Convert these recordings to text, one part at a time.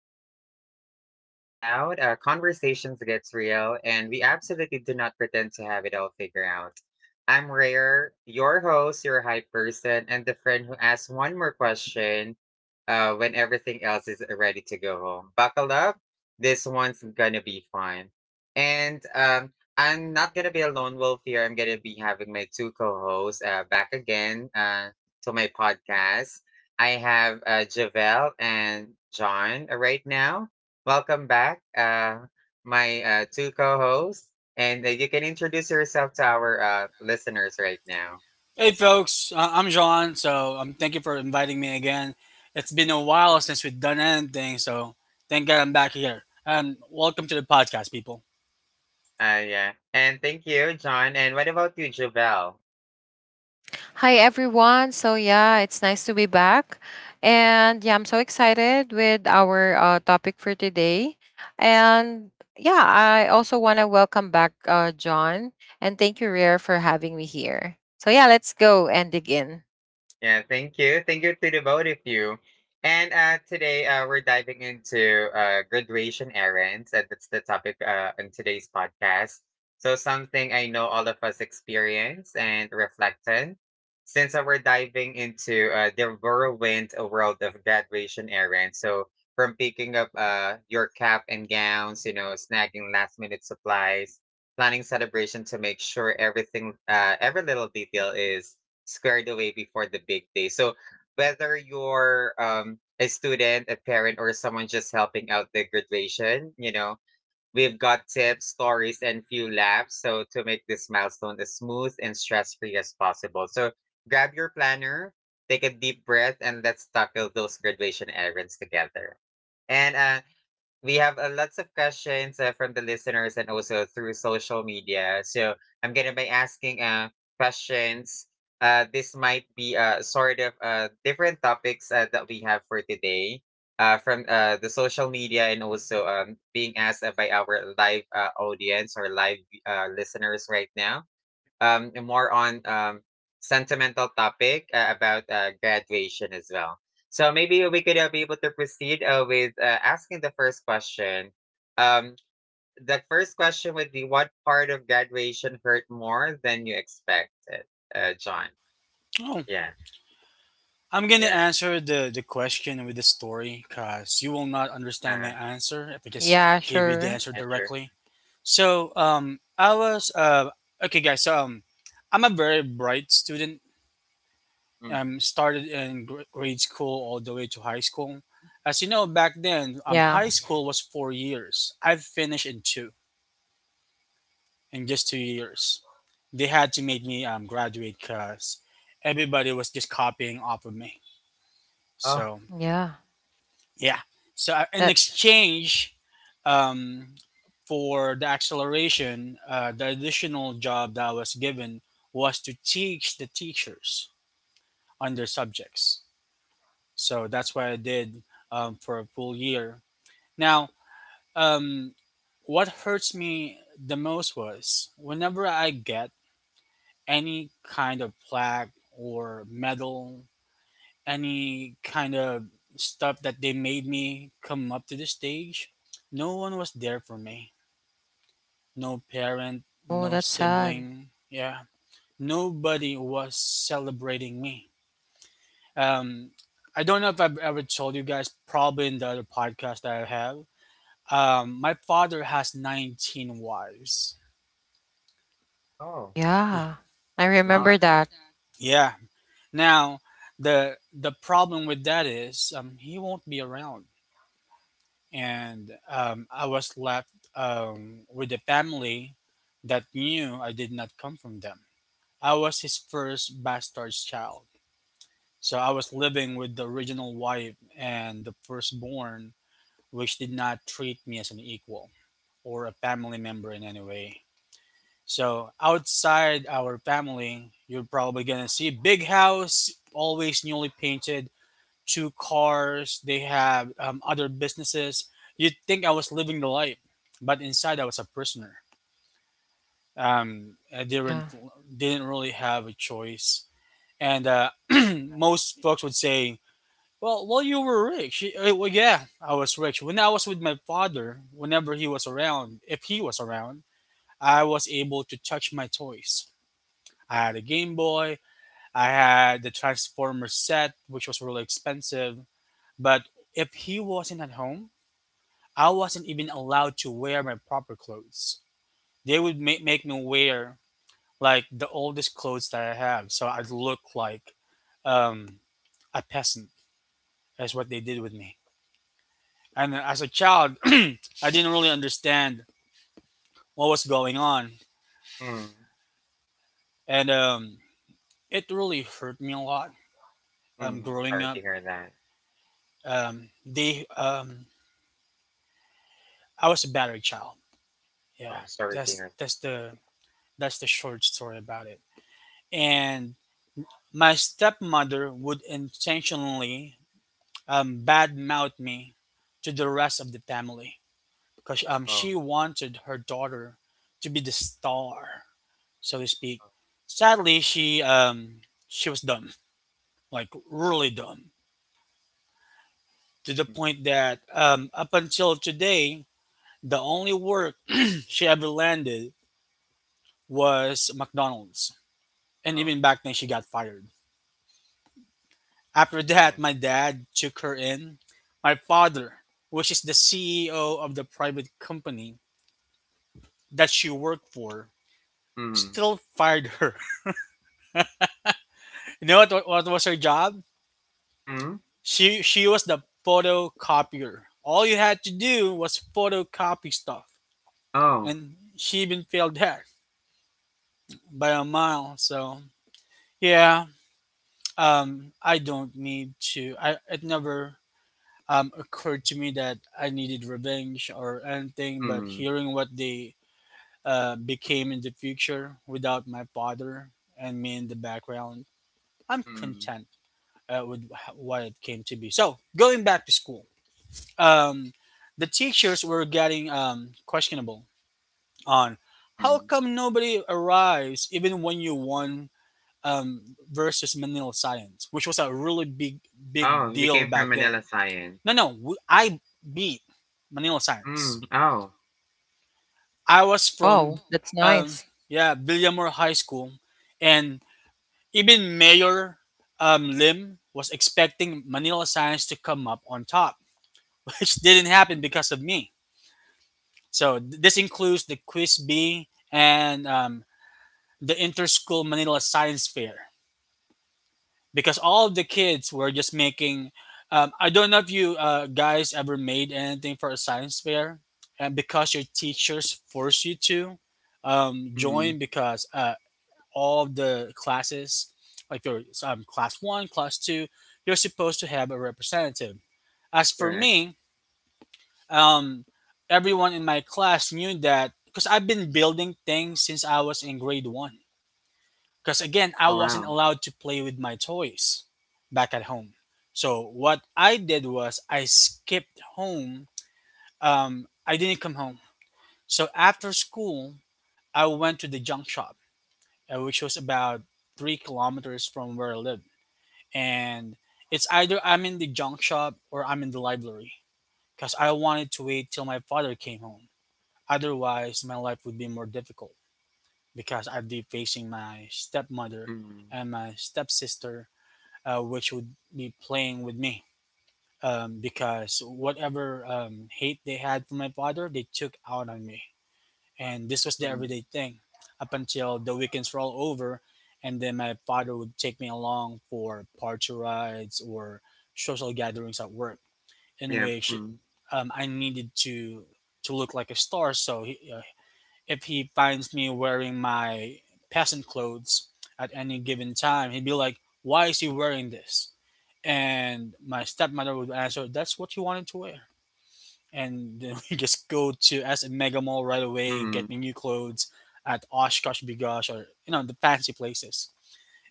place where curiosity gets loud, conversations gets real, and we absolutely do not pretend to have it all figured out. I'm Rare, your host, your hype person, and the friend who asks one more question when everything else is ready to go home. Buckle up. This one's gonna be fun. And I'm not gonna be a lone wolf here. I'm gonna be having my two co-hosts back again to my podcast. I have Javel and John right now. Welcome back, my two co hosts. And you can introduce yourself to our listeners right now. Hey folks, I'm John. So thank you for inviting me again. It's been a while since we've done anything, so thank God I'm back here. And welcome to the podcast, people. Yeah. And thank you, John. And what about you, Javel? Hi everyone. So yeah, it's nice to be back. And yeah, I'm so excited with our topic for today. And yeah, I also want to welcome back John and thank you Rare for having me here. So yeah, let's go and dig in. Yeah, thank you. Thank you to the both of you. And today we're diving into graduation errands. And that's the topic in today's podcast. So, something I know all of us experience and reflect on. Since we're diving into the whirlwind world of graduation errands. So, from picking up your cap and gowns, snagging last minute supplies, planning celebration to make sure everything, every little detail is squared away before the big day. So whether you're a student, a parent, or someone just helping out the graduation, we've got tips, stories, and few laughs. So to make this milestone as smooth and stress free as possible. So grab your planner, take a deep breath, and let's tackle those graduation errands together. And we have lots of questions from the listeners and also through social media. So I'm gonna be asking questions. This might be sort of different topics that we have for today from the social media and also being asked by our live audience or live listeners right now more on sentimental topic about graduation as well. So maybe we could be able to proceed with asking the first question. Um, the first question would be, what part of graduation hurt more than you expected, John? Oh, Yeah, I'm gonna yeah, answer the question with the story, cause you will not understand my uh, answer if I just Yeah, gave you the sure. answer yeah, sure. directly. So I was okay guys. I'm a very bright student. Mm. Started in grade school all the way to high school. As you know, back then, Yeah. high school was 4 years. I've finished in two, in just 2 years. They had to make me graduate because everybody was just copying off of me. Oh, So, Yeah. yeah. So, in That exchange um, for the acceleration, the additional job that I was given was to teach the teachers on their subjects. So that's what I did for a full year. Now, um, what hurts me the most was whenever I get any kind of plaque or medal, any kind of stuff that they made me come up to the stage, no one was there for me. No parent, oh, no that's sad. sibling. Yeah. Nobody was celebrating me. Um, I don't know if I've ever told you guys, probably in the other podcast that I have. My father has 19 wives. oh, He, I Yeah. I that's a lot. remember Remember that. that. Yeah. Now, the problem with that is he won't be around, and I was left with a family that knew I did not come from them. I was his first bastard child, so I was living with the original wife and the firstborn, which did not treat me as an equal or a family member in any way. So outside our family, you're probably gonna see big house, always newly painted, two cars. They have other businesses. You'd think I was living the life, but inside I was a prisoner. I Yeah. Didn't really have a choice, and most folks would say, "Well, you were rich." Eh, well, yeah, I was rich. When I was with my father, whenever he was around, if he was around, I was able to touch my toys. I had a Game Boy. I had the Transformer set, which was really expensive. But if he wasn't at home, I wasn't even allowed to wear my proper clothes. They would make me wear like the oldest clothes that I have, so I'd look like um, a peasant. That's what they did with me. And as a child, I didn't really understand what was going on, Mm. and it really hurt me a lot. Mm. Growing Sorry up, to hear that. They I Mm. was a battery child. Oh, Yeah, I'm sorry to that's hear that's the that's the short story about it. And my stepmother would intentionally badmouth me to the rest of the family because that. Oh, she wanted her daughter to be the star, so to speak. oh, Sadly, she was dumb, like really dumb, to the point mm, that up until today, the only work she ever landed was McDonald's. And oh, even back then, she got fired. After yeah. that, my dad took her in. My father, which is the CEO of the private company that she worked for, Mm. still fired her. What was her job? Mm. She was the photocopier. All you had to do was photocopy stuff, Oh. and she even failed that by a mile. So yeah, I don't need to. I it never occurred to me that I needed revenge or anything, but Mm, hearing what they became in the future without my father and me in the background, I'm mm, content with what it came to be. So, going back to school, um, the teachers were getting questionable on how mm. come nobody arrives even when you won versus Manila Science, which was a really big, big Oh, you deal came from back then. Manila Science. No, no, I beat Manila Science. Mm, oh, I was Wow, from, that's nice. um, yeah, Villamore High School, and even Mayor Lim was expecting Manila Science to come up on top, which didn't happen because of me. So this includes the Quiz B and the Interschool Manila Science Fair. Because all of the kids were just making. I don't know if you guys ever made anything for a science fair, and because your teachers force you to join, mhm, because all of the classes, like your class one, class two, you're supposed to have a representative. As for correct. me, um, everyone in my class knew that because I've been building things since I was in grade one. Because again, Oh, I wasn't wow. allowed to play with my toys back at home. So what I did was I skipped home. I didn't come home. So after school, I went to the junk shop, which was about 3 kilometers from where I lived. And it's either I'm in the junk shop or I'm in the library because I wanted to wait till my father came home. Otherwise, my life would be more difficult because I'd be facing my stepmother Mm, and my stepsister which would be playing with me because whatever hate they had for my father, they took out on me. And this was the mm, everyday thing up until the weekends were all over. And then my father would take me along for party rides or social gatherings at work, in yep, which mm, I needed to look like a star. So he, if he finds me wearing my peasant clothes at any given time, he'd be like, "Why is he wearing this?" And my stepmother would answer, "That's what you wanted to wear." And then we just go to S Mega Mall right away, mm, get me new clothes at Oshkosh Bigosh or you know the fancy places.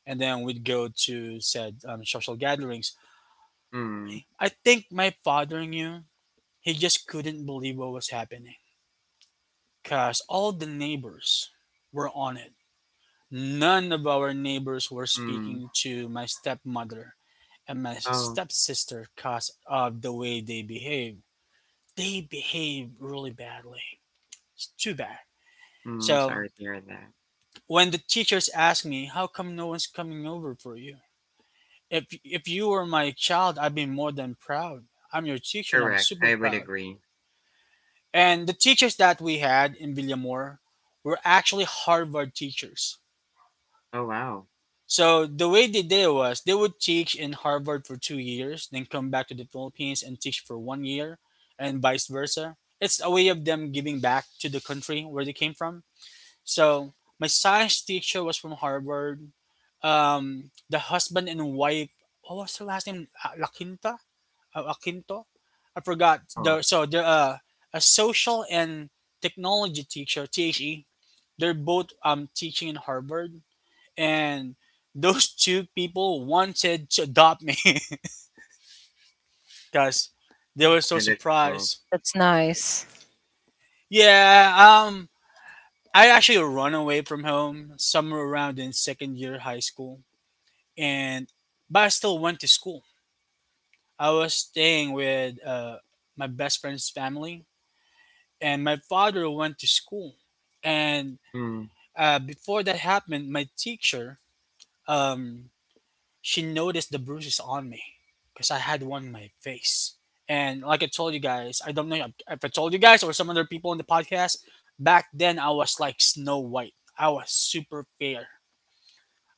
And then we'd go to said social gatherings. mm, I think my father knew. He just couldn't believe what was happening because all the neighbors were on it. None of our neighbors were mm. speaking to my stepmother and my Oh, stepsister because of the way they behave. They behave really badly. It's too bad. mm, So sorry to hear that. when the teachers ask me, "How come no one's coming over for you? If you were my child, I'd be more than proud. I'm your teacher, and I'm Correct. super I would proud." agree. And the teachers that we had in Villamor were actually Harvard teachers. Oh, wow. So the way they did it was they would teach in Harvard for 2 years, then come back to the Philippines and teach for 1 year, and vice versa. It's a way of them giving back to the country where they came from. So my science teacher was from Harvard. The husband and wife. What was her last name? Laquinta, Aquinto. I forgot. Oh, The so the a social and technology teacher, THE. They're both teaching in Harvard, and those two people wanted to adopt me because they were so yeah, that's cool. surprised. That's nice. Yeah. I actually run away from home somewhere around in second year high school and but I still went to school. I was staying with my best friend's family, and my father went to school. And Mm, before that happened, my teacher, um, she noticed the bruises on me because I had one on my face. And like I told you guys, I don't know if I told you guys or some other people in the podcast. Back then, I was like Snow White. I was super fair.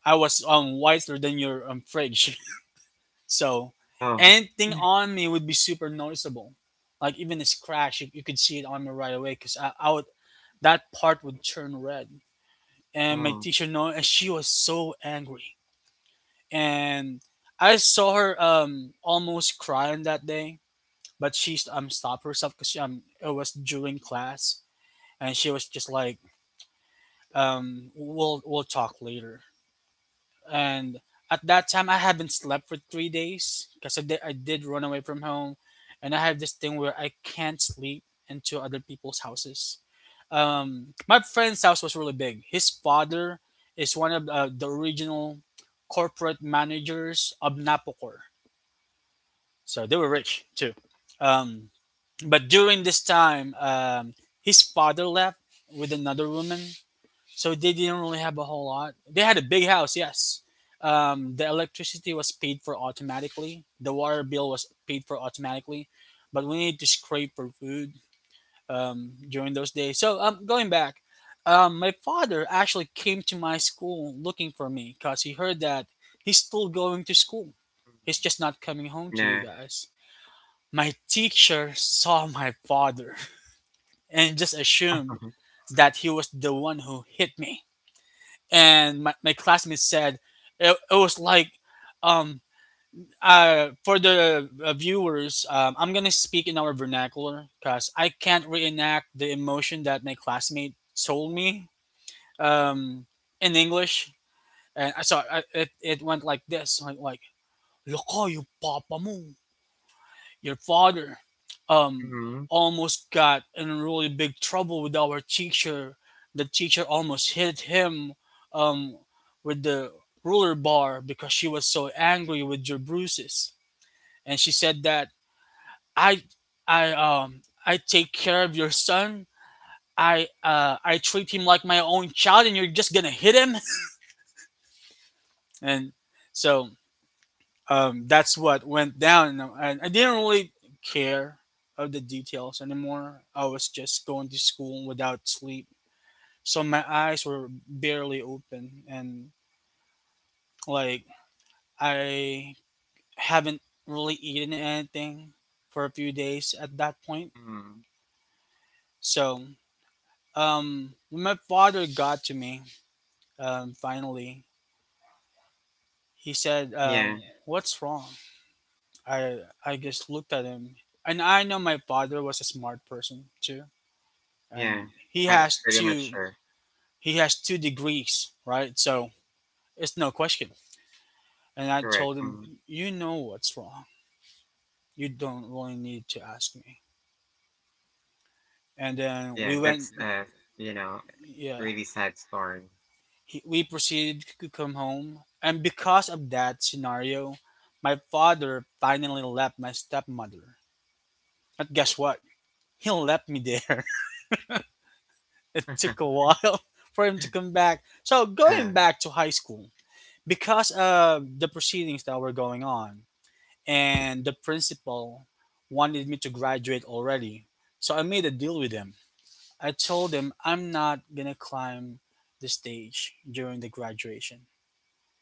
I was whiter than your fridge. So oh, anything on me would be super noticeable. Like even a scratch, you could see it on me right away because that part would turn red. And my oh, teacher know, and she was so angry. And I saw her almost crying that day, but she stopped herself because it was during class, and she was just like we'll talk later. And at that time I haven't slept for 3 days because I did run away from home, and I have this thing where I can't sleep into other people's houses. My friend's house was really big. His father is one of the original corporate managers of Napocor, so they were rich too. um, but during this time his father left with another woman, so they didn't really have a whole lot. They had a big house, yes. The electricity was paid for automatically. The water bill was paid for automatically, but we needed to scrape for food during those days. So going back, my father actually came to my school looking for me because he heard that he's still going to school. He's just not coming home mm, to you yeah. guys. My teacher saw my father and just assumed that he was the one who hit me, and my classmates said it was like um for the viewers, I'm gonna speak in our vernacular because I can't reenact the emotion that my classmate told me um in English. And it went like this, like "Loko yung papa mo." Your father um Mm, almost got in really big trouble with our teacher. The teacher almost hit him um with the ruler bar because she was so angry with your bruises. And she said that I I take care of your son. I treat him like my own child, and you're just gonna hit him. And so, that's what went down. And I didn't really care of the details anymore. I was just going to school without sleep. So my eyes were barely open, and like I haven't really eaten anything for a few days at that point. mm, So, when my father got to me, finally, he said, yeah, "What's wrong?" I just looked at him, and I know my father was a smart person too, yeah. and he I'm has pretty much two sure. he has two degrees, right? So it's no question. And I Correct. told him, Mm, "You know what's wrong. You don't really need to ask me." And then yeah, we went. that's, you know, Yeah, really sad story. We proceeded to come home, and because of that scenario, my father finally left my stepmother. But guess what, he left me there. It took a while for him to come back. So going back to high school, because of the proceedings that were going on, and the principal wanted me to graduate already. So I made a deal with them. I told them I'm not gonna climb the stage during the graduation,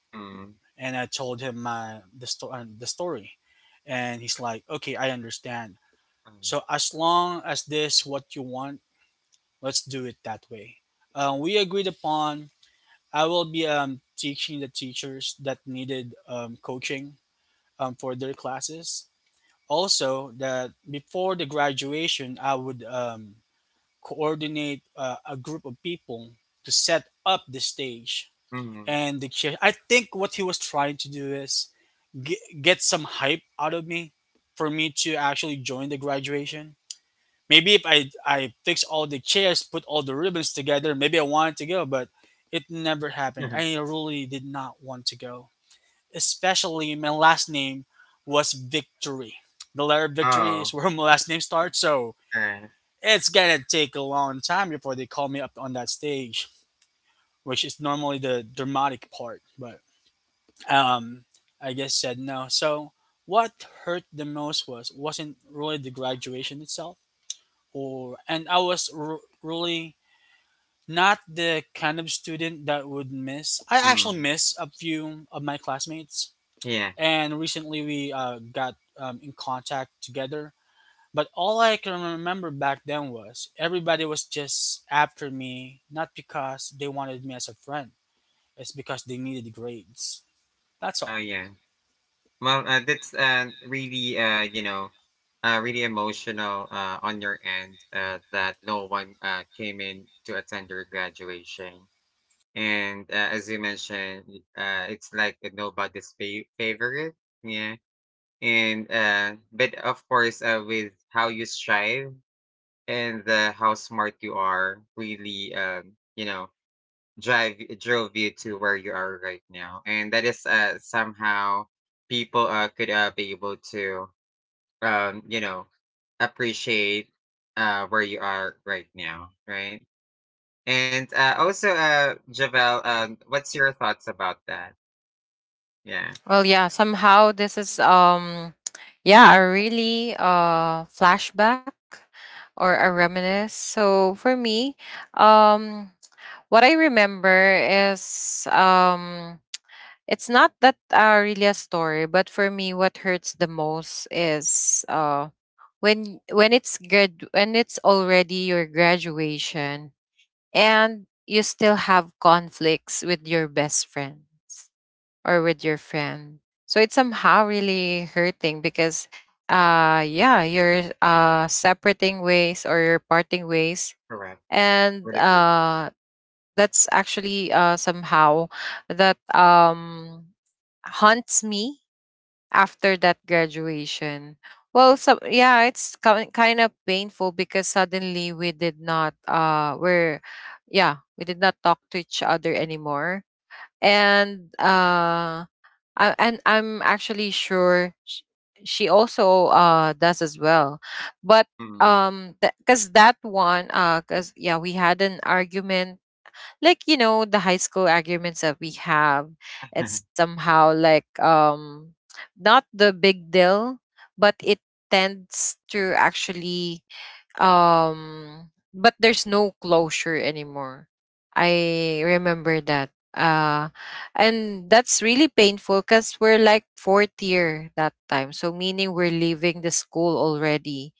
Mm, and I told him my the story. The story. And he's like, "Okay, I understand. mm, So as long as this what you want, let's do it that way." We agreed upon. I will be, teaching the teachers that needed, coaching, for their classes. Also that before the graduation, I would, coordinate, a group of people to set up the stage mhm. and the chair. I think what he was trying to do is get some hype out of me, for me to actually join the graduation. Maybe if I fix all the chairs, put all the ribbons together, maybe I wanted to go. But it never happened. I really did not want to go, especially my last name was Victory. The letter Victory Oh, is where my last name starts, so alright. it's gonna take a long time before they call me up on that stage, which is normally the dramatic part. But, um, I guess said no. So what hurt the most was wasn't really the graduation itself, or and I was really not the kind of student that would miss. I actually Mm. miss a few of my classmates, Yeah. and recently we, got, in contact together. But all I can remember back then was everybody was just after me, not because they wanted me as a friend, it's because they needed grades. That's all. Oh, yeah. Well, that's really, really emotional on your end that no one came in to attend your graduation. And as you mentioned, it's like nobody's favorite. Yeah. And but of course, with how you strive and how smart you are, really. Drive drove you to where you are right now, and that is somehow people could be able to, um you know appreciate where you are right now, right? And also, Javel, what's your thoughts about that? Yeah. Well, yeah, somehow this is yeah, a really flashback or a reminisce. So for me, um what I remember is it's not that really a story, but for me what hurts the most is when it's already your graduation and you still have conflicts with your best friends or with your friend. So it's somehow really hurting because yeah, you're separating ways or you're parting ways Correct. and Would agree. That's actually somehow that haunts me after that graduation. Well, so yeah, it's kind of painful because suddenly we did not we're yeah, we did not talk to each other anymore and and I'm actually sure she also does as well. But Mm. um because that one because yeah we had an argument, like you know the high school arguments that we have. It's somehow like, not the big deal, but it tends to actually but there's no closure anymore. I remember that. uh and that's really painful because we're like fourth year that time, so meaning we're leaving the school already.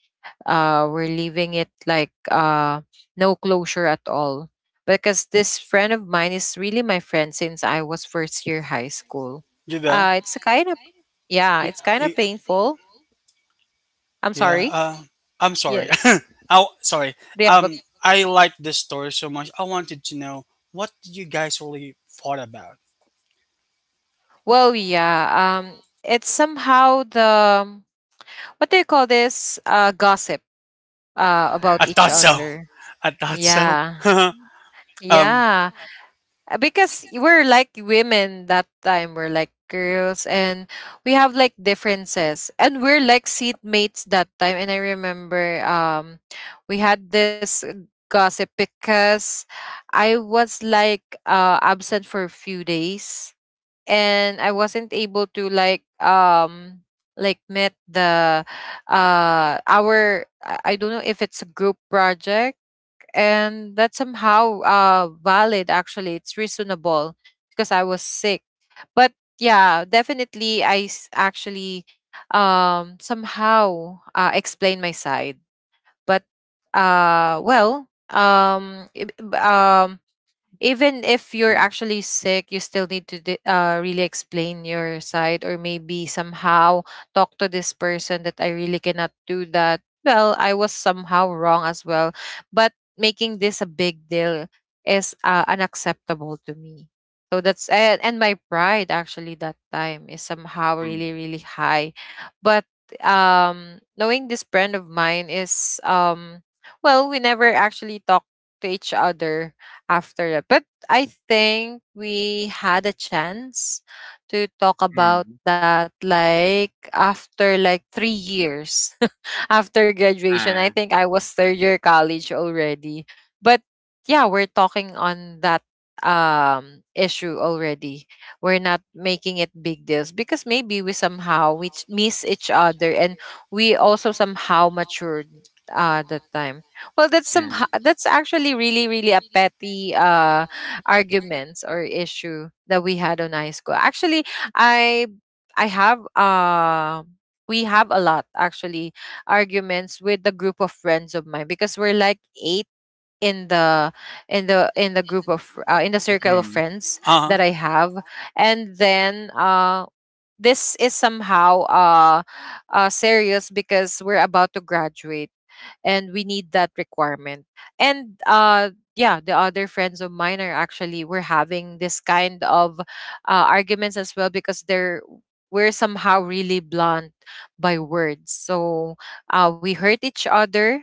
We're leaving it like no closure at all, because this friend of mine is really my friend since I was first year high school. Javel, It's kind of, yeah, yeah, it's kind of y- painful. I'm yeah. sorry. I'm sorry. Yeah, Oh, sorry. do you have a... I like this story so much. I wanted to know what did you guys really fought about. Well, yeah. It's somehow the, what do you call this? Gossip, I about Correct. each thought Mm. so. other. I thought so. Yeah, um. yeah. Because we're like women that time. We're like girls, and we have like differences, and we're like seatmates that time. And I remember, we had this gossip because I was like absent for a few days, and I wasn't able to like met the our I don't know if it's a group project. And that's somehow valid, actually, it's reasonable because I was sick. But yeah, definitely I actually somehow explain my side. But well even if you're Mm. actually sick, you still need to really explain your side, or maybe somehow talk to this person, that I really cannot do that. Well, I was somehow wrong as well, but making this a big deal is, unacceptable to me. So that's, and my pride actually that time is somehow really Mm. really high, but knowing this friend of mine is, well, we never actually talk to each other after that. But I think we had a chance to talk about Mm. that, like, after like 3 years. After graduation. I Uh, think I was third year college already. But yeah, we're talking on that issue already. We're not making it big deals because maybe we somehow miss each other, and we also somehow matured that time. Well, yeah that's actually really really a petty arguments or issue that we had on high school. Actually, I I have we have a lot actually arguments with the group of friends of mine, because we're like eight in the in the in the group of in the mm. circle of Mm. friends Uh that I huh. have. And then, this is somehow, serious, because we're about to graduate and we need that requirement. And yeah, the other friends of mine are actually, we're having this kind of, arguments as well, because they're we're somehow really blunt by words. So we hurt each other,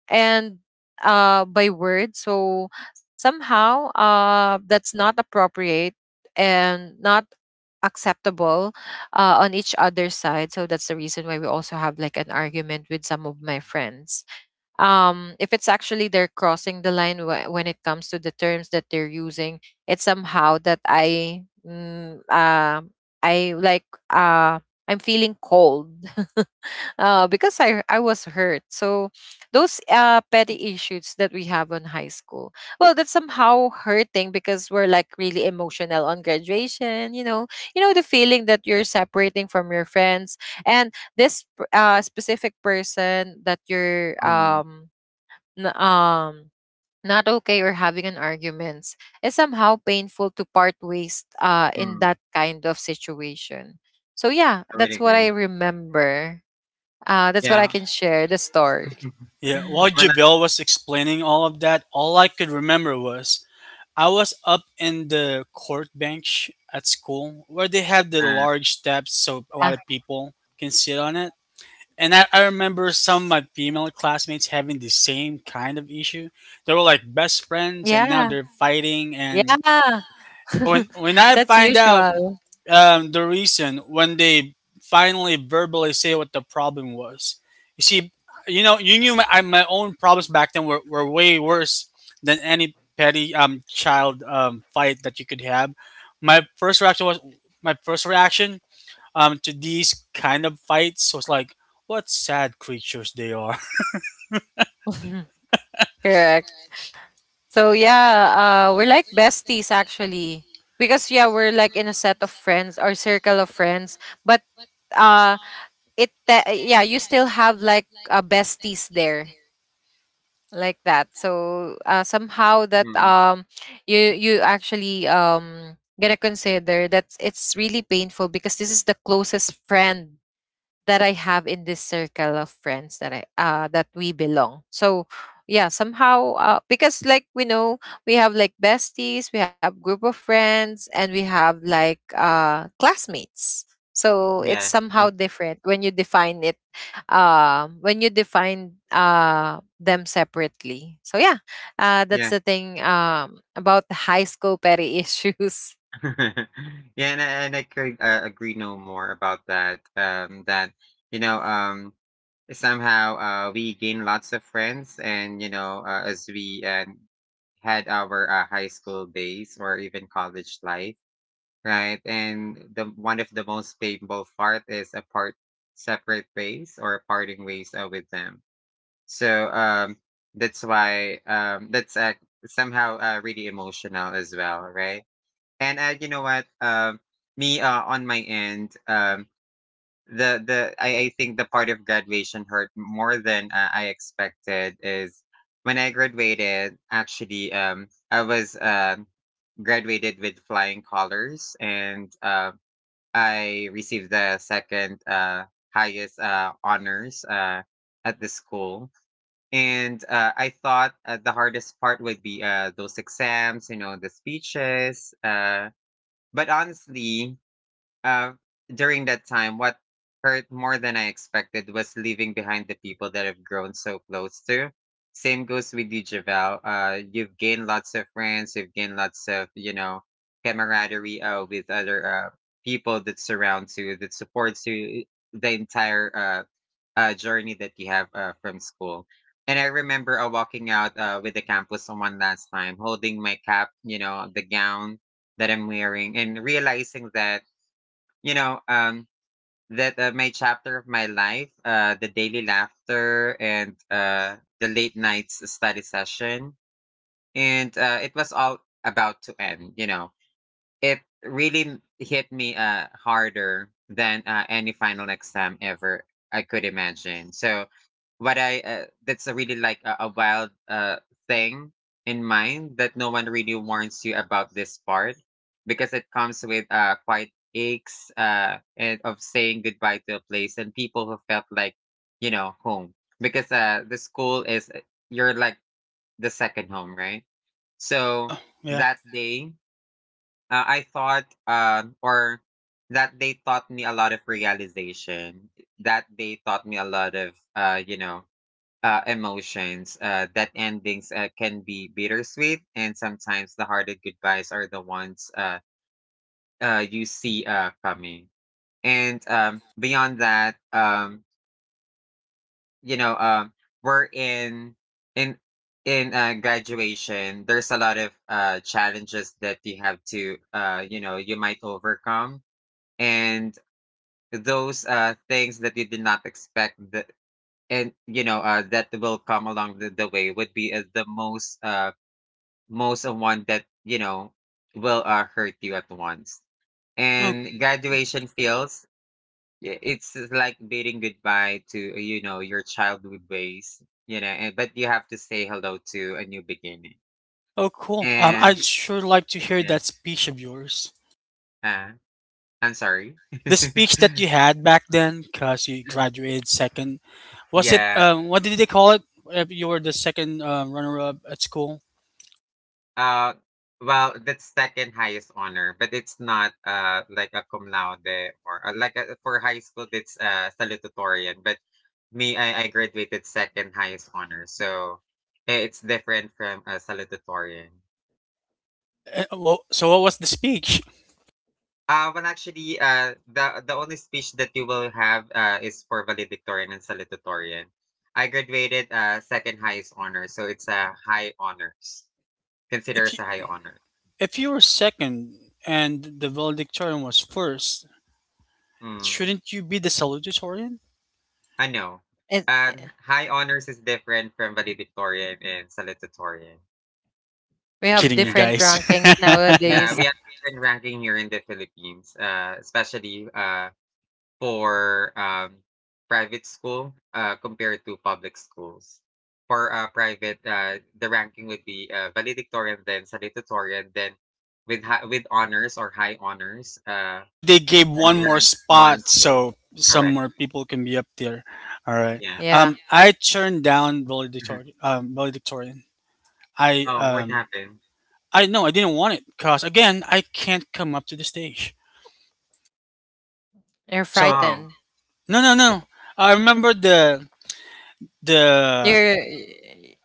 and by words. So somehow, that's not appropriate and not acceptable, on each other's side. So that's the reason why we also have like an argument with some of my friends, if it's actually they're crossing the line when it comes to the terms that they're using. It's somehow that I like, uh, I'm feeling cold because I was hurt. So those petty issues that we have on high school, well, that's somehow hurting because we're like really emotional on graduation. You know the feeling that you're separating from your friends, and this specific person that you're Mm. N- um not okay or having an arguments is somehow painful to part ways in Mm. that kind of situation. So yeah, I would that's what I agree. remember. That's what I Yeah. can share, the story. Yeah, while Well, Javel was explaining all of that, all I could remember was I was up in the court bench at school where they have the uh, large Yeah. steps so a lot of people can sit on it. And I remember some of my female classmates having the same kind of issue. They were like best friends and Yeah. now they're fighting, and Yeah. when I That's find out, usual. The reason when they finally verbally say what the problem was, you see, you knew my own problems back then were way worse than any petty child fight that you could have. My first reaction was my first reaction to these kind of fights was like, what sad creatures they are. Correct. So yeah, we're like besties actually. Because yeah, we're like in a set of friends or circle of friends, but uh it te- yeah, you still have like, besties there like that. So somehow that, Mhm. You actually gonna consider that it's really painful, because this is the closest friend that I have in this circle of friends that I that we belong. So yeah, somehow because like we know, we have like besties, we have group of friends, and we have like, classmates. So it's Yeah. Mm, somehow different when you define it, when you define, them separately. So yeah, that's yeah. the thing, about the high school petty issues. Yeah, and I could, agree no more about that, you know, um, somehow, we gain lots of friends and, as we, had our, high school days or even college life, right? And the one of the most painful part is apart separate ways or parting ways, with them. So that's why, that's somehow really emotional as well, right? And you know what? Me on my end, I think the part of graduation hurt more than I expected. Is when I graduated, actually, I was graduated with flying colors, and I received the second highest honors at the school, and, I thought, the hardest part would be, those exams, the speeches, but honestly, uh, during that time, what hurt more than I expected was leaving behind the people that I've grown so close to. Same goes with you, Javel. You've gained lots of friends. You've gained lots of camaraderie with other people that surrounds you, that supports you the entire journey that you have from school. And I remember walking out with the campus on one last time, holding my cap, the gown that I'm wearing, and realizing you know, um, that my chapter of my life, the daily laughter and the late nights study session, and it was all about to end. It really hit me harder than any final exam ever I could imagine. So what I that's a really, like a wild thing in mind that no one really warns you about this part, because it comes with quite aches and of saying goodbye to a place and people who felt like, home, because the school is, you're like the second home, right? So Uh, yeah. that day, I thought or that day taught me a lot of realization, that they taught me a lot of, emotions. That endings can be bittersweet, and sometimes the hardest goodbyes are the ones you see coming. And beyond that, you know, um, we're in in graduation. There's a lot of challenges that you have to, you might overcome, and those things that you did not expect that and, that will come along the way would be the most most of one that, will hurt you at once, Oh, and graduation feels, it's like bidding goodbye to, your childhood ways, but you have to say hello to a new beginning. oh, cool. And I'd sure like to hear yeah. that speech of yours. uh, I'm sorry. The speech that you had back then, because you graduated second, was it? Yeah. What did they call it? If you were the second, runner-up at school. Uh, well, that's second highest honor, but it's not like a cum laude or like for high school that's salutatorian. But me, I graduated second highest honor, so it's different from salutatorian. Well, so what was the speech? Well, actually, the only speech that you will have is for valedictorian and salutatorian. I graduated second highest honor, so it's a high honors, considered If as you a high honor. if you were second and the valedictorian was first, Mm. shouldn't you be the salutatorian? I know. It, High honors is different from valedictorian and salutatorian. we I'm have kidding you Yeah. different guys. rankings Yeah, nowadays. we have different ranking here in the Philippines, especially for private school compared to public schools. For private, the ranking would be valedictorian, then salutatorian, then with honors or high honors, Oh, they gave and one more rank one. spot Two. so some Correct. more people can be up there. All right. Yeah. Yeah, I turned down Mhm. valedictorian. Valedictorian. I Oh, what um happened? I No, I didn't want it because again, I can't come up to the stage. you're So. frightened. Right. Oh. No, no, no. I remember the You're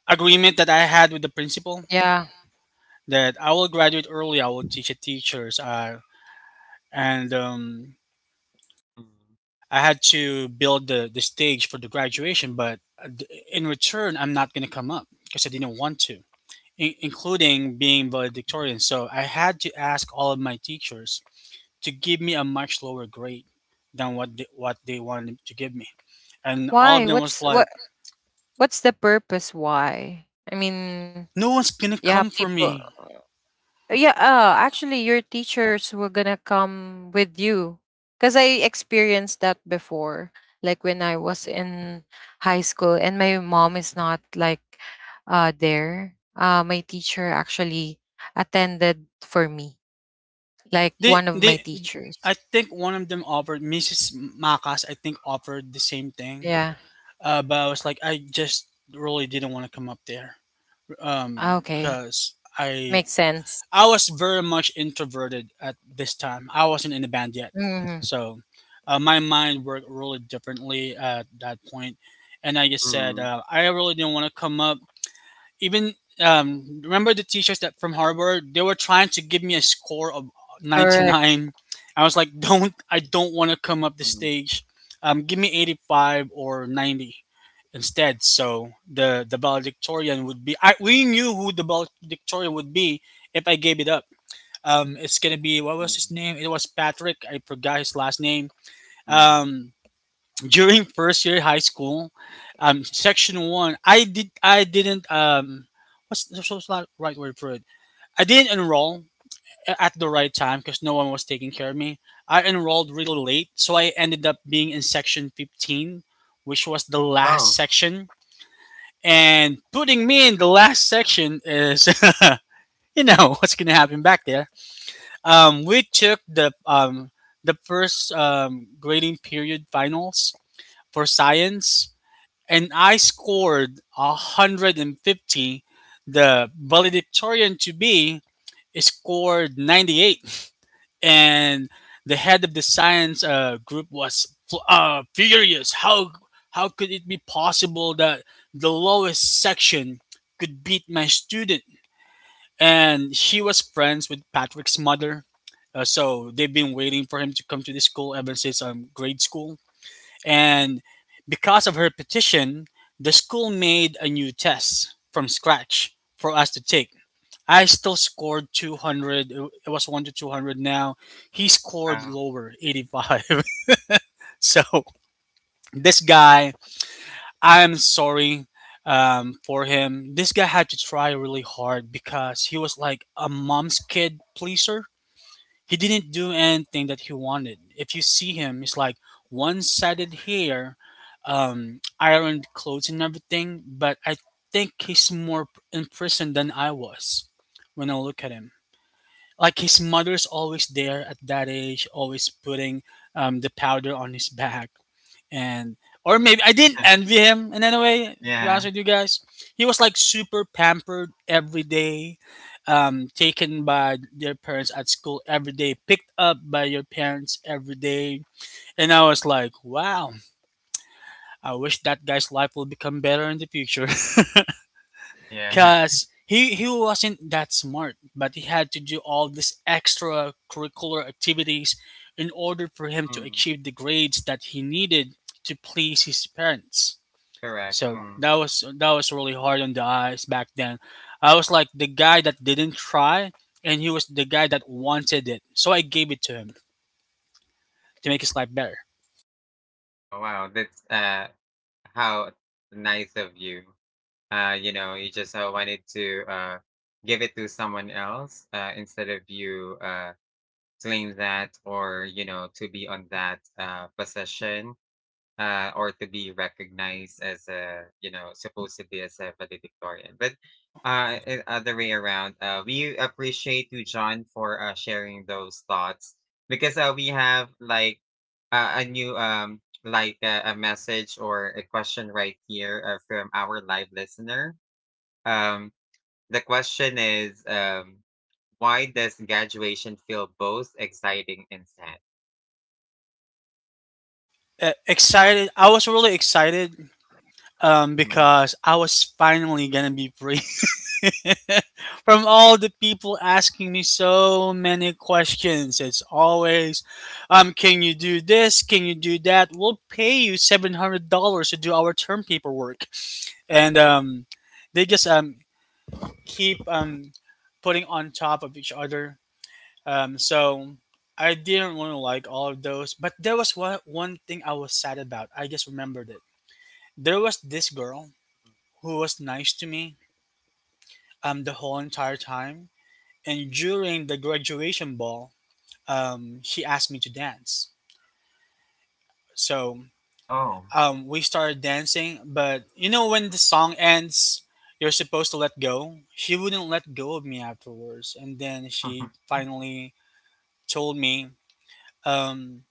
agreement that I had with the principal yeah. that I will graduate early. I will teach at teachers, and Mm, I had to build the stage for the graduation. But in return, I'm not gonna come up because I didn't want to, including being valedictorian. So I had to ask all of my teachers to give me a much lower grade than what they wanted to give me. And all of Why? them was like, What's the purpose, why? I mean, "No one's gonna yeah, come for me." Actually your teachers were gonna come with you. Cause I experienced that before, like when I was in high school and my mom is not like there. My teacher actually attended for me, like They one of my they, I teachers. think one of them offered Mrs. Makas. I think offered the same thing, Yeah. But I was like, I just really didn't want to come up there, Ah, okay. cause I Makes sense. I was very much introverted at this time. I wasn't in a band yet, Hmm. so my mind worked really differently at that point. And like I just said, mm. I really didn't want to come up. Even, remember the teachers that from Harvard? They were trying to give me a score of ninety Correct. nine. I was like, don't I don't want to come up the Mm, stage. Give me 85 or 90 instead. So the valedictorian would be. We knew who the valedictorian would be if I gave it up. It's gonna be, what mm, was his name? It was Patrick. I forgot his last name. mm. Um, during first year high school, section one, I didn't, what's the what's right word for it? I didn't enroll at the right time because no one was taking care of me. I enrolled really late, so I ended up being in section 15, which was the last Oh, section. And putting me in the last section is, you know what's gonna happen back there. We took the, the first grading period finals for science, and I scored 150. The valedictorian to be scored 98, and the head of the science, group was furious. How could it be possible that the lowest section could beat my student? And she was friends with Patrick's mother. So they've been waiting for him to come to this school ever since, grade school. And because of her petition, the school made a new test from scratch for us to take. I still scored 200. It was 1 to 200 now. He scored wow. lower, 85. So this guy, I am sorry, for him. This guy had to try really hard because he was like a mom's kid pleaser. He didn't do anything that he wanted. If you see him, he's like one-sided hair, ironed clothes, and everything. But I think he's more in prison than I was when I look at him. Like his mother's always there at that age, always putting, the powder on his back, and or maybe I didn't envy him in any way. To be honest Yeah. with you guys, he was like super pampered every day, taken by their parents at school every day, picked up by your parents every day. And I was like, wow, I wish that guy's life will become better in the future, Yeah. cause. He wasn't that smart, but he had to do all these extra curricular activities in order for him to Mm, achieve the grades that he needed to please his parents. correct. So Mm. that was really hard on the eyes back then. I was like the guy that didn't try, and he was the guy that wanted it. So I gave it to him to make his life better. Oh, wow. That's how nice of you. You just wanted to give it to someone else instead of you claim that, or to be on that possession, or to be recognized as a, supposed to be as a valedictorian. But other way around, we appreciate you, John, for sharing those thoughts, because we have like a new like a message or a question right here from our live listener. Um the question is, why does graduation feel both exciting and sad? Yeah. Excited, I was really excited, Mm. because I was finally gonna be free from all the people asking me so many questions. It's always, can you do this? Can you do that? We'll pay you $700 to do our term paperwork, and they just keep, putting on top of each other. So I didn't want to like all of those, but there was one thing I was sad about. I just remembered it. There was this girl who was nice to me the whole entire time, and during the graduation ball, she asked me to dance. So Oh. We started dancing, but you know when the song ends, you're supposed to let go. She wouldn't let go of me afterwards, and then she finally told me um,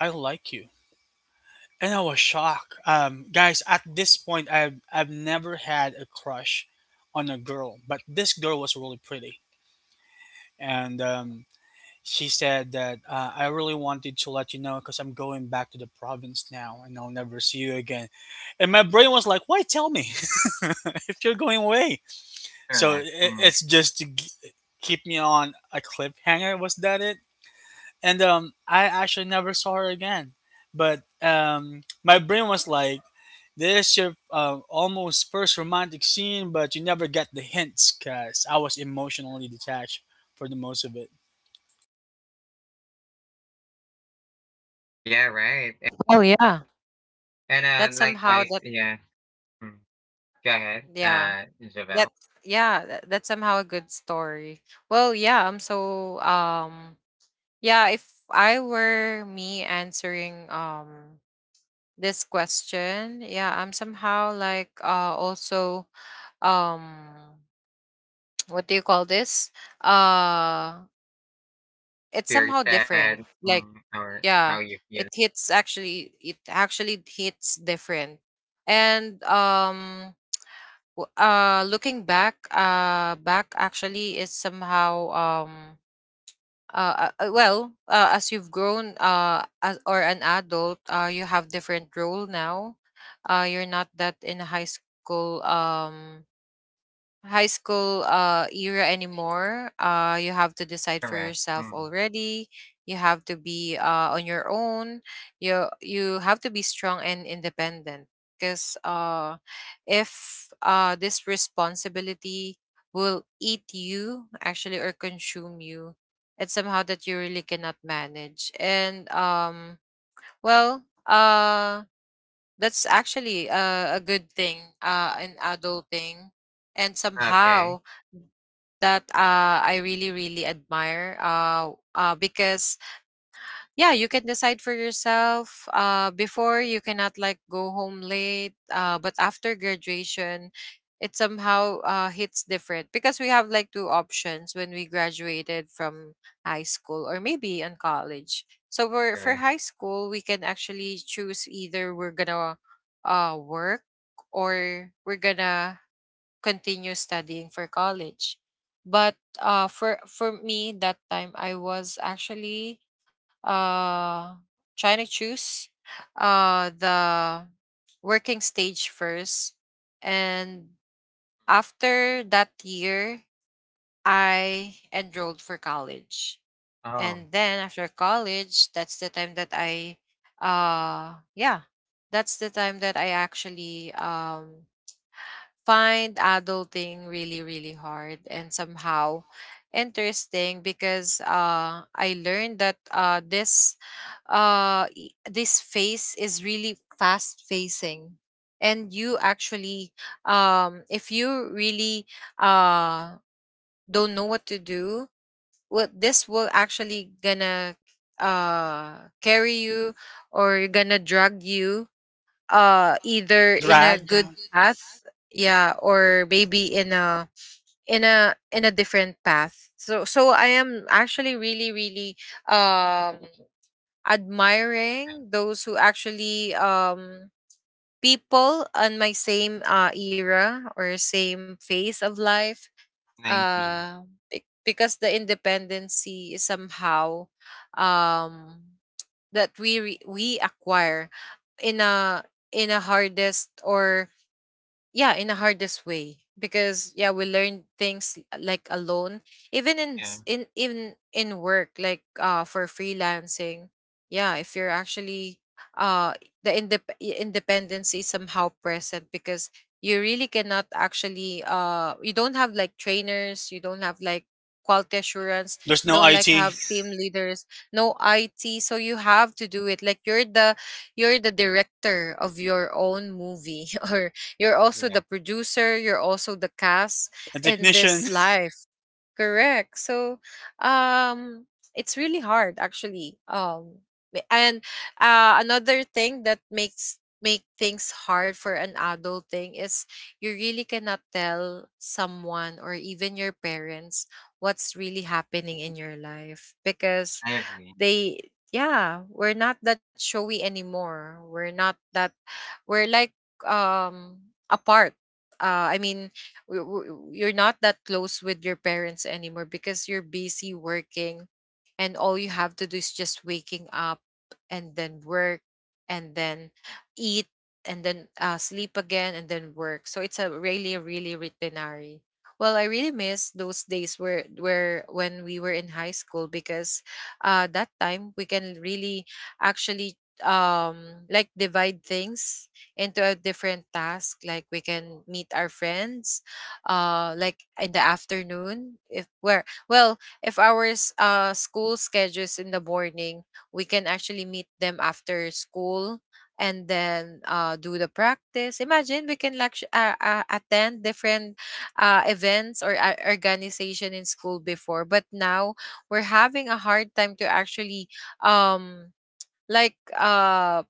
I like you. And I was shocked. Guys, at this point, I've never had a crush on a girl, but this girl was really pretty. And she said that I really wanted to let you know because I'm going back to the province now and I'll never see you again. And my brain was like, why tell me if you're going away? So Correct. it, Mm. it's just to keep me on a cliffhanger. Was that it? And I actually never saw her again, but my brain was like, this is your almost first romantic scene, but you never get the hints because I was emotionally detached for the most of it. Yeah, right. Oh yeah. And, That's somehow likewise, that yeah. Mm. Go ahead, yeah. Javelle. That yeah, that, that's somehow a good story. Well, yeah, I'm so, yeah, if I were me answering, this question, yeah, I'm somehow like, also, um what do you call this? Uh If it's you're somehow sad, different. mm, Like, or how yeah, you feel. It actually hits different. And looking back, actually, is somehow, well, as you've grown, as or an adult, you have different role now. You're not that in high school era anymore. You have to decide for Correct. yourself Mm. already. You have to be on your own. You have to be strong and independent, because if this responsibility will eat you actually, or consume you, it's somehow that you really cannot manage. And well, that's actually a good thing, an adulting, and Okay, somehow that, I really, really admire. Because yeah, you can decide for yourself. Before you cannot like go home late. But after graduation, it somehow, hits different, because we have like two options when we graduated from high school or maybe in college. So for correct. high school, we can actually choose either we're gonna work, or we're gonna continue studying for college. But for me that time, I was actually, uh, trying to choose, the working stage first, and after that year, I enrolled for college. Oh, And then after college, uh, yeah, that's the time that I actually, find adulting really really hard and somehow interesting, because I learned that this this phase is really fast facing, and you actually, if you really, uh don't know what to do, what this will actually gonna, carry you or gonna drag you, Dra- either in a Drag good down. path, yeah, or maybe in a in a different path. So I am actually really really, um yeah. admiring those who actually, people on my same era or same phase of life, 90. uh because the independency is somehow, um that we acquire in a in a hardest or yeah, in the hardest way, because yeah, we learn things, like alone. Even in Yeah, work, like for freelancing. Yeah, if you're actually, uh the independence is somehow present, because you really cannot actually, you don't have like trainers, you don't have like quality assurance, There's no don't it like a have team leaders, no IT, so you have to do it like you're the director of your own movie or you're also the correct. producer, you're also the cast in technician. this life. Correct. So, um, it's really hard actually. B- and Another thing that makes make things hard for an adult thing is you really cannot tell someone or even your parents what's really happening in your life because I agree. they yeah, we're not that showy anymore, we're not that, we're like um apart I mean w- w- you're not that close with your parents anymore because you're busy working, and all you have to do is just waking up and then work and then eat and then sleep again and then work. So it's a really rutinary. Well, I really miss those days where when we were in high school because that time we can really actually like divide things into a different task. Like, we can meet our friends like in the afternoon, if where well if our school schedules in the morning, we can actually meet them after school and then do the practice. Imagine, we can like attend different events or organization in school before, but now we're having a hard time to actually um like uh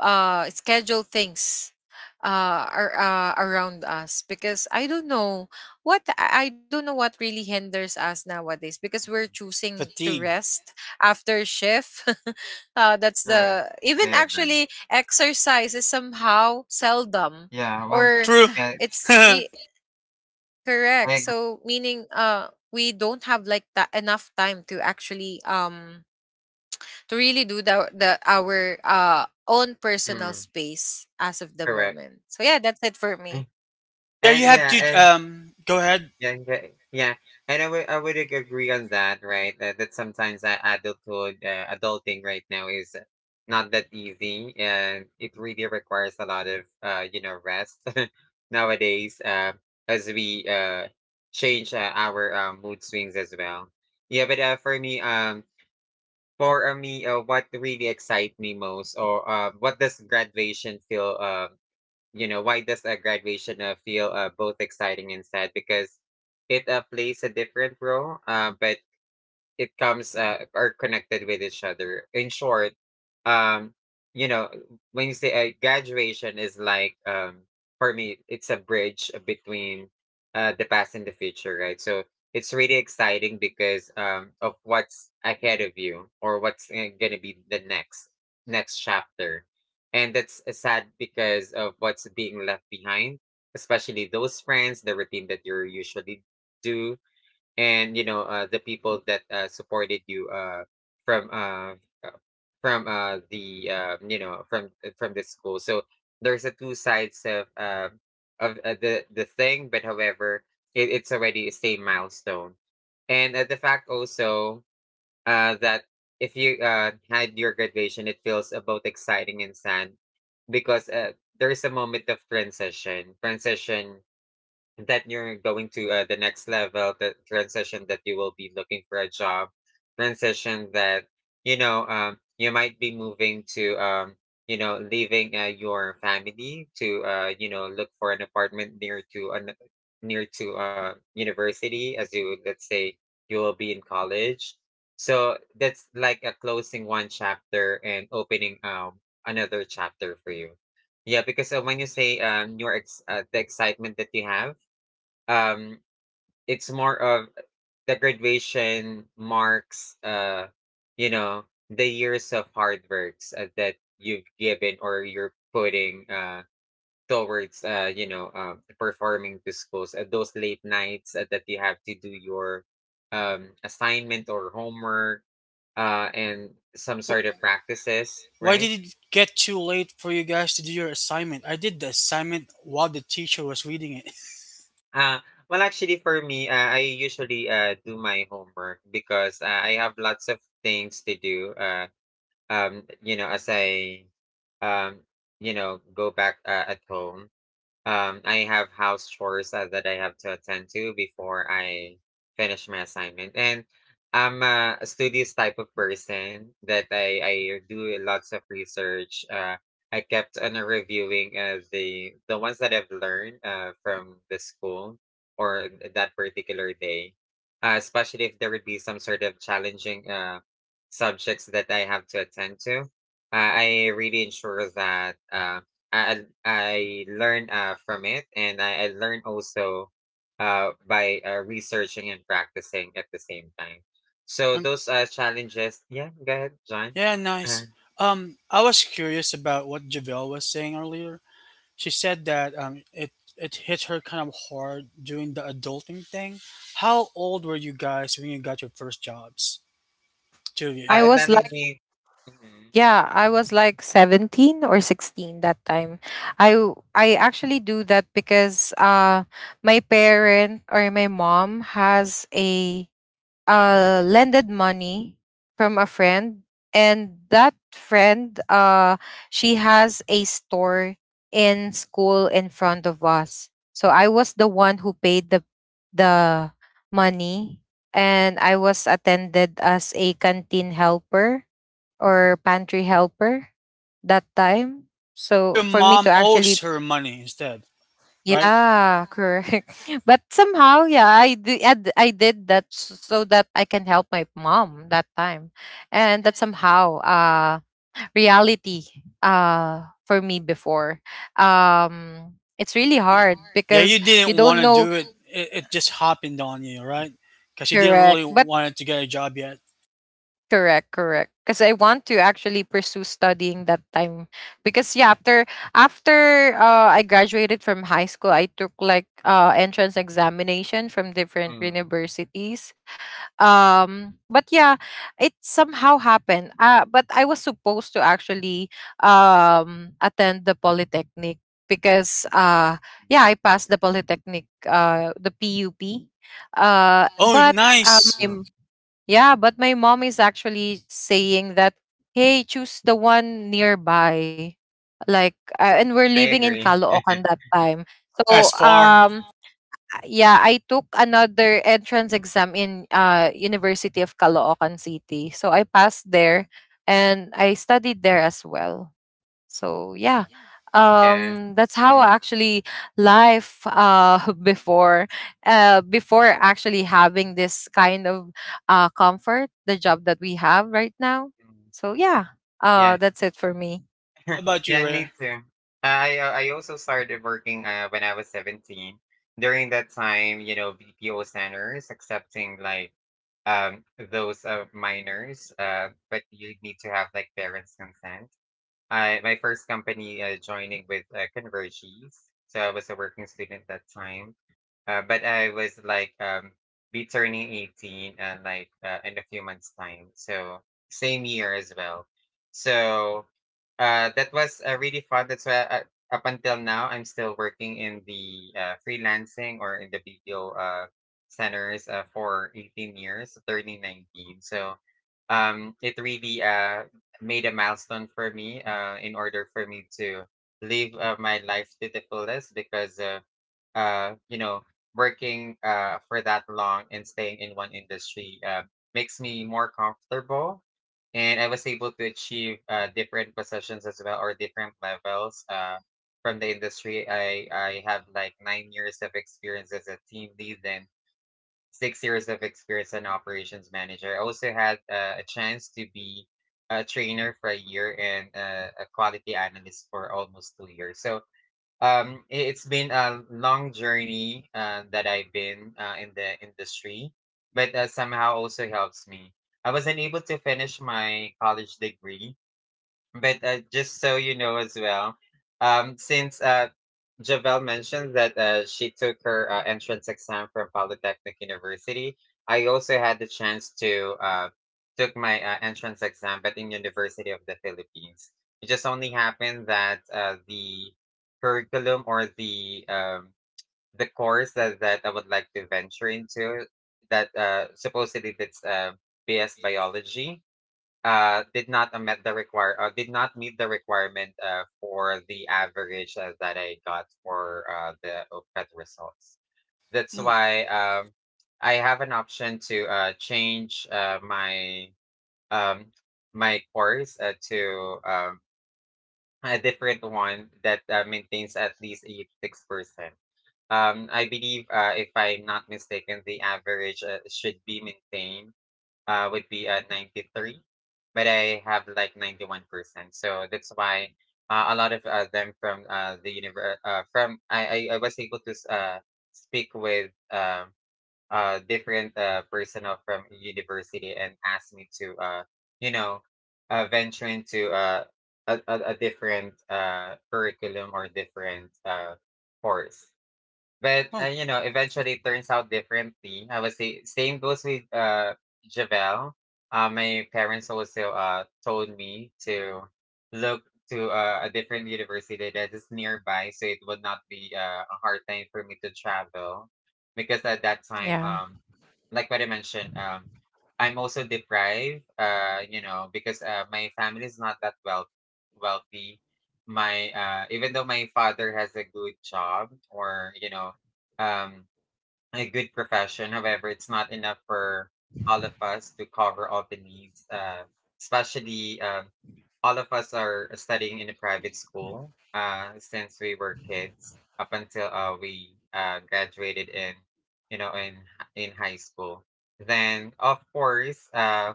schedule things around us because I don't know what I don't know what really hinders us nowadays because we're Mhm. choosing to Fatigue. rest after shift. That's Correct. the, I even agree. actually exercise is somehow seldom, Yeah, well, or True. yeah, it's re- I correct. agree. So meaning we don't have like that enough time to actually to really do the our own personal Mm, space as of the correct. moment. So yeah, that's it for Mm. me. Yeah, you And have yeah, to and go ahead. yeah, yeah, yeah. And I would agree on that, right? That sometimes adulthood, adulting right now is not that easy, and it really requires a lot of, rest nowadays. As we change our mood swings as well. Yeah, but for me, what really excites me most, or what does graduation feel, you know why does a graduation feel both exciting and sad, because it plays a different role, but it comes are connected with each other. In short, um, you know, when you say graduation is like, for me, it's a bridge between the past and the future, right? So it's really exciting because of what's ahead of you, or what's gonna be the next chapter, and that's sad because of what's being left behind, especially those friends, the routine that you usually do, and the people that supported you from uh, the from the school. So there's a two sides of the thing, but however it's already a same milestone, and the fact also, that if you had your graduation, it feels both exciting and sad, because there is a moment of transition that you're going to the next level, the transition that you will be looking for a job, transition that you might be moving to, leaving your family to look for an apartment near to university, as you let's say you will be in college. So that's like a closing one chapter and opening another chapter for you. Yeah, because when you say, the excitement that you have, um, it's more of the graduation marks, you know, the years of hard works that you've given, or you're putting towards, performing to schools. Those late nights that you have to do your assignment or homework, and some sort of Wh- practices, why right? did it get too late for you guys to do your assignment? I did the assignment while the teacher was reading it. Uh, well, actually, for me, I usually do my homework because I have lots of things to do. As I um go back at home. I have house chores that I have to attend to before I finish my assignment. And I'm a studious type of person, that I do lots of research. I kept on reviewing the ones that I've learned from the school, or that particular day, especially if there would be some sort of challenging subjects that I have to attend to. I really ensure that. I learn from it, and I learn also by researching and practicing at the same time. So those challenges, yeah. Go ahead, John. Yeah, nice. Uh, I was curious about what Javelle was saying earlier. She said that it hit her kind of hard doing the adulting thing. How old were you guys when you got your first jobs? Two of you. I and was that made like, me. Mm, yeah, I was like 17 or 16 that time. I actually do that because my parent or my mom has a lended money from a friend, and that friend, she has a store in school in front of us. So I was the one who paid the money, and I was attended as a canteen helper or pantry helper that time. Or your So for me to mom owes actually, her money instead, right? yeah, correct. But somehow, yeah, I did so that I can help my mom that time, and that somehow, reality, for me before, it's really Y- hard Yeah, you because you didn't want don't to know. do it. It just happened on you, right? Because you didn't Correct. really But want to get a job yet. correct, correct, because I want to actually pursue studying that time. Because yeah, after I graduated from high school, I took like entrance examination from different mm, universities. But yeah, it somehow happened. But I was supposed to actually attend the polytechnic because yeah, I passed the polytechnic, the PUP. Uh, Oh, but nice. mm, um, yeah, but my mom is actually saying that, hey, choose the one nearby. Like, and we're I living in agree. Caloocan that time. Oh yeah, So, it's far. Yeah, I took another entrance exam in University of Caloocan City. So I passed there, and I studied there as well. So yeah, Yeah. That's how Mm, actually life before actually having this kind of comfort, the job that we have right now. mm, So yeah, yeah. that's it for me. How about Yeah. you, Me Rare? too. I also started working when I was 17. During that time, BPO centers accepting like, Um, those, minors, but you need to have, like, parents' consent. I My first company joining with Convergies. So I was a working student that time, but I was like, be turning 18, and like in a few months time. So same year as well. So that was really fun. That's why up until now I'm still working in the freelancing, or in the BPO centers for 18 years, turning 19. So it really made a milestone for me in order for me to live my life to the fullest, because uh, you know working for that long and staying in one industry makes me more comfortable, and I was able to achieve different positions as well, or different levels from the industry. I have like 9 years of experience as a team lead, and 6 years of experience as an operations manager. I also had a chance to be a trainer for a year, and a quality analyst for almost 2 years. So it's been a long journey that I've been in the industry, but somehow also helps me. I wasn't able to finish my college degree, but just so you know as well, since Javel mentioned that she took her entrance exam from Polytechnic University, I also had the chance to took my entrance exam, but in University of the Philippines. It just only happened that the curriculum, or the course that, I would like to venture into, that supposedly that's BS biology, did not met the require did not meet the requirement for the average that I got for the OPET results. That's Mm. why I have an option to change um, my course to a different one that maintains at least 86%. I believe, if I'm not mistaken, the average should be maintained would be at 93, but I have like 91%. So that's why a lot of them from the universe, from I was able to speak with different personnel from university, and asked me to, you know, venture into a different curriculum or different course. But eventually it turns out differently. I would say same goes with Javel. My parents also told me to look to a different university that is nearby, so it would not be a hard time for me to travel, because at that time, Yeah. Like what I mentioned, I'm also deprived. Because my family is not that well wealthy. My Even though my father has a good job, or you know, um, a good profession. However, it's not enough for all of us to cover all the needs. Especially, all of us are studying in a private school since we were kids up until we graduated in, you know, in in high school. Then, of course,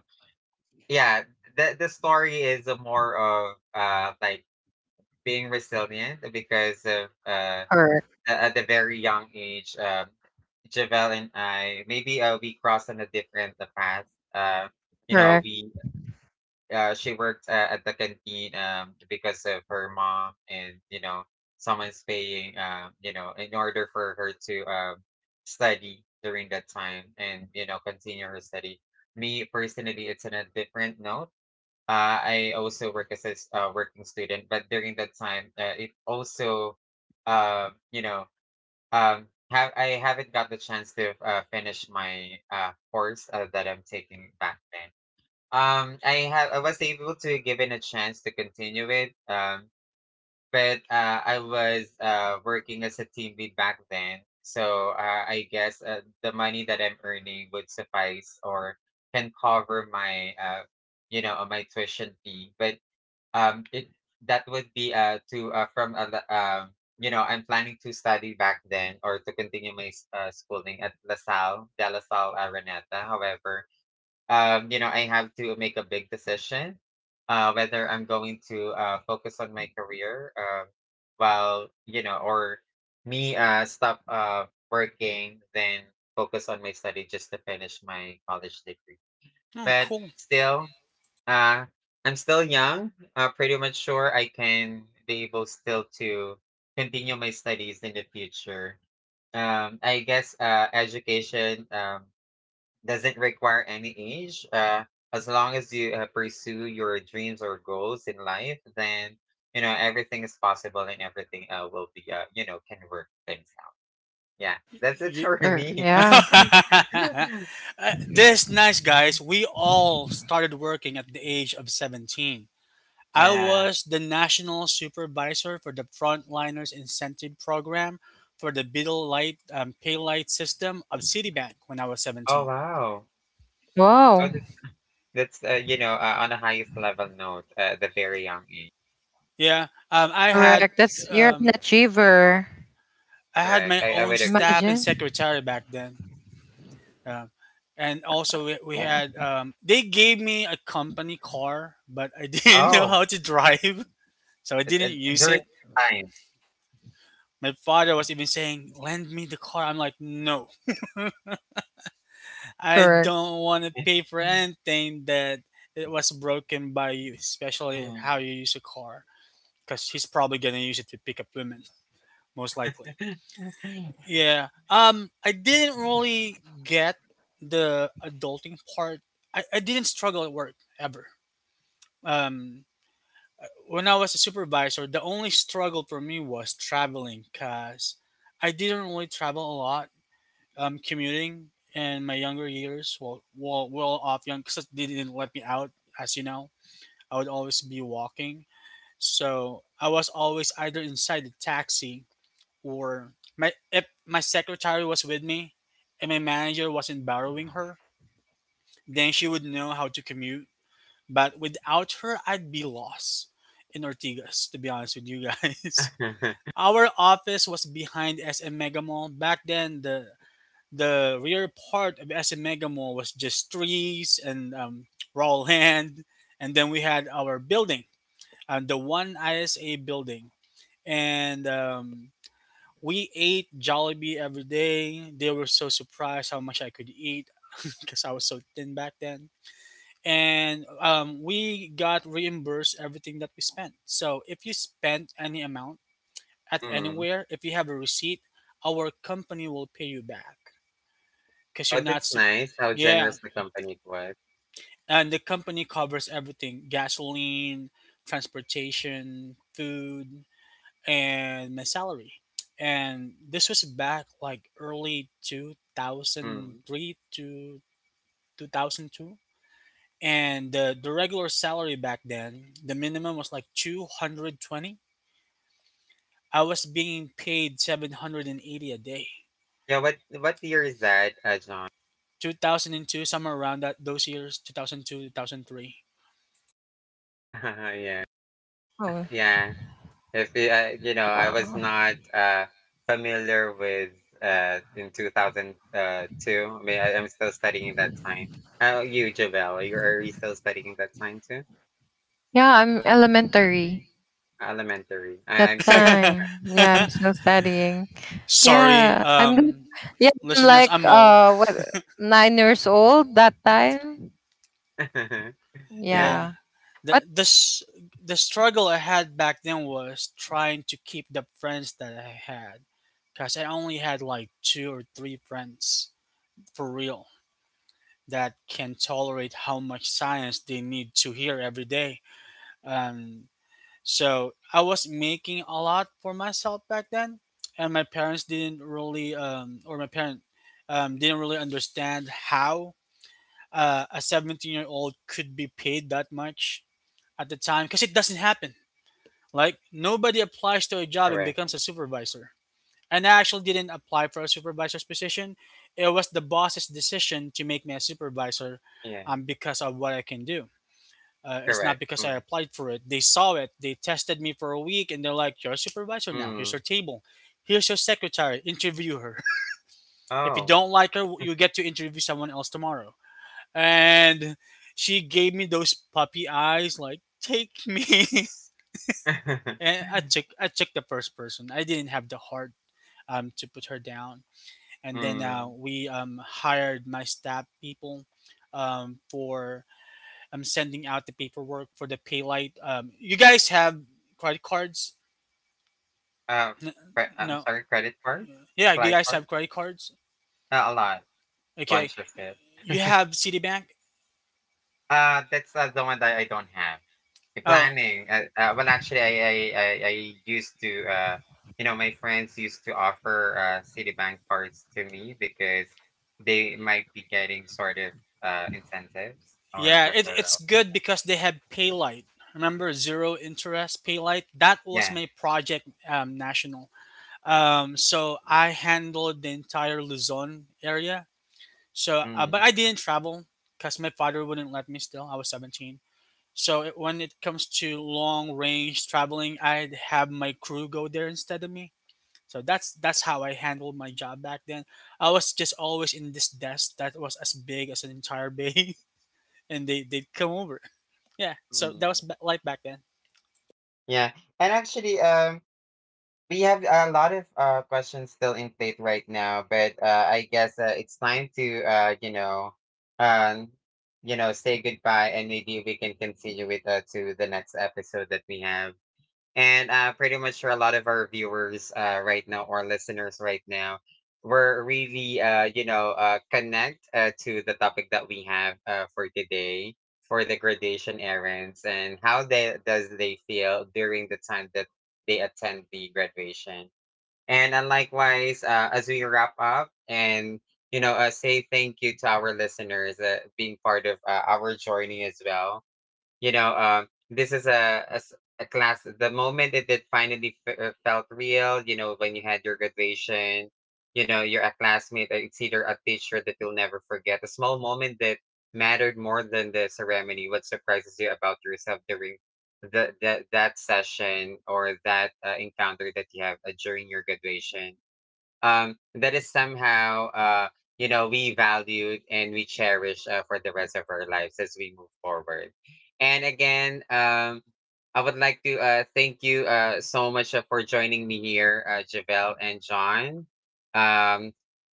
yeah, the story is a more of like being resilient because of Correct. at a very young age. Javel and I, maybe we crossed on a different path. Uh, you know, Correct. we She worked at the canteen, because of her mom, and you know, someone's paying. In order for her to study during that time, and continue her study. Me personally, it's on a different note. I also work as a working student, but during that time, it also, uh, you know, have I haven't got the chance to finish my course that I'm taking back then. I was able to give it a chance to continue it. But I was working as a team lead back then, so I guess the money that I'm earning would suffice, or can cover my tuition fee. But it that would be to I'm planning to study back then, or to continue my schooling at lasalle De La Salle Araneta. However, I have to make a big decision, whether I'm going to focus on my career, while or me stop working, then focus on my study just to finish my college degree. Oh, But cool. still uh, I'm still young. Pretty much sure I can be able still to continue my studies in the future. I guess education doesn't require any age. As long as you pursue your dreams or goals in life, then you know everything is possible, and everything will be can work things out. Yeah, that's it Ye- for me. Yeah. This nice, guys. We all started working at the age of 17. I Yeah. was the national supervisor for the Frontliners Incentive Program for the Beetle Light Pay Light System of Citibank when I was Oh 17. wow. Wow. That's, on a highest level note at the very young age. Yeah, Correct. That's, you're an um, achiever. I had Correct. my I own would agree. staff and Imagine. secretary back then. Um, and Mm. also, we Yeah. had they gave me a company car, but I didn't know Oh, how to drive, so I uh, uh, didn't use during it. time. My father was even saying, "Lend me the car." I'm like, "No, I Correct. don't want to pay for anything that it was broken by you, especially Mm. how you use a car, because he's probably gonna use it to pick up women, most likely." Yeah. I didn't really get the adulting part. I didn't struggle at work ever. Um, when I was a supervisor, the only struggle for me was traveling because I didn't really travel a lot. Commuting in my younger years, well off young, because they didn't let me out, as you know. I would always be walking. So I was always either inside the taxi or my if my secretary was with me and my manager wasn't borrowing her, then she would know how to commute, but without her, I'd be lost in Ortigas, to be honest with you guys. Our office was behind SM Mega Mall. Back then, the rear part of SM Mega Mall was just trees and raw land. And then we had our building, the one ISA building. And we ate Jollibee every day. They were so surprised how much I could eat because I was so thin back then, and we got reimbursed everything that we spent. So if you spent any amount at Mm. anywhere, if you have a receipt, our company will pay you back because Oh, you're not. that's nice. How Yeah, generous the company was. and the company covers everything: gasoline, transportation, food, and my salary. And this was back like early two thousand Mm. three to 2002. And the, regular salary back then, the minimum was like 220. I was being paid 780 a day. Yeah. What year is that, John? 2002, somewhere around that, those years, 2002, 2003. Yeah. Oh. Yeah. If you, you know, I was Wow. not familiar with in 2002. I mean, I'm still studying that time. How about you, Javel? You still studying that time too? Yeah, I'm elementary Elementary. That I'm pretty much. time. Yeah, I'm still studying. Sorry, Yeah, I'm l- yeah, I'm listeners, like I'm old. What 9 years old that time. Yeah. Yeah, Yeah. the But the, s- the struggle I had back then was trying to keep the friends that I had, because I only had like two or three friends, for real, that can tolerate how much science they need to hear every day. Um, so I was making a lot for myself back then, and my parents didn't really, or my parent didn't really understand how a 17-year-old could be paid that much at the time, because it doesn't happen. Like, nobody applies to a job and Correct. becomes a supervisor. And I actually didn't apply for a supervisor's position. It was the boss's decision to make me a supervisor Yeah. Because of what I can do. It's not Correct. because I Mm. applied for it. They saw it, they tested me for a week, and they're like, "You're a supervisor now. Here's your Mm. table. Here's your secretary. Interview her." If you Oh. don't like her, you get to interview someone else tomorrow. And she gave me those puppy eyes, like, "Take me." And I took the first person. I didn't have the heart to put her down. And then Mm. we hired my staff people, for sending out the paperwork for the pay. You guys have credit cards? Uh, N- I'm no. sorry. Credit cards, Yeah, you like guys have cards, credit cards. A lot, Okay. bunch of it. You have Citibank. That's, the one that I don't have. The Oh, planning, well, actually, I used to, you know, my friends used to offer Citibank cards to me, because they might be getting sort of incentives or yeah. It's referral. good because they have Paylight. Remember zero interest Paylight? That was Yeah. my project, national. So I handled the entire Luzon area. So, Mm-hmm. but I didn't travel because my father wouldn't let me. Still, I was 17. So when it comes to long range traveling, I'd have my crew go there instead of me. So that's how I handled my job back then. I was just always in this desk that was as big as an entire bay, and they'd come over. Yeah, so that Mm-hmm. was life back then. Yeah. And actually, we have a lot of questions still in plate right now, but I guess it's time to um, say goodbye, and maybe we can continue with to the next episode that we have, and pretty much for a lot of our viewers right now, or listeners right now, we're really connect to the topic that we have for today, for the graduation errands and how they does they feel during the time that they attend the graduation. And likewise as we wrap up, and say thank you to our listeners being part of our journey as well. This is a class. The moment it finally felt real, you know, when you had your graduation, you know, you're a classmate. It's either a teacher that you'll never forget, a small moment that mattered more than the ceremony. What surprises you about yourself during the that session, or that encounter that you have during your graduation? That is somehow we valued and we cherish for the rest of our lives as we move forward. And again, I would like to thank you so much for joining me here, Javelle and John, um,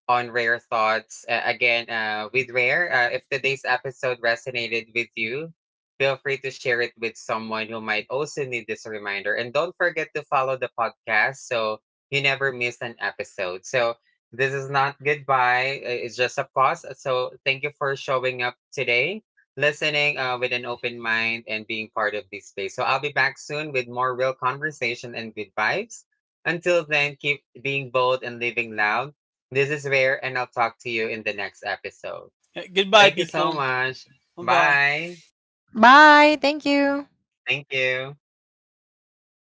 on Rare Thoughts, again with Rare. If today's episode resonated with you, feel free to share it with someone who might also need this reminder, and don't forget to follow the podcast, so you never miss an episode. So this is not goodbye. It's just a pause. So thank you for showing up today, listening with an open mind and being part of this space. So I'll be back soon with more real conversation and good vibes. Until then, keep being bold and living loud. This is Rare, and I'll talk to you in the next episode. Yeah, goodbye, Thank you so people. much. Bye bye. Bye. bye, thank you. Thank you.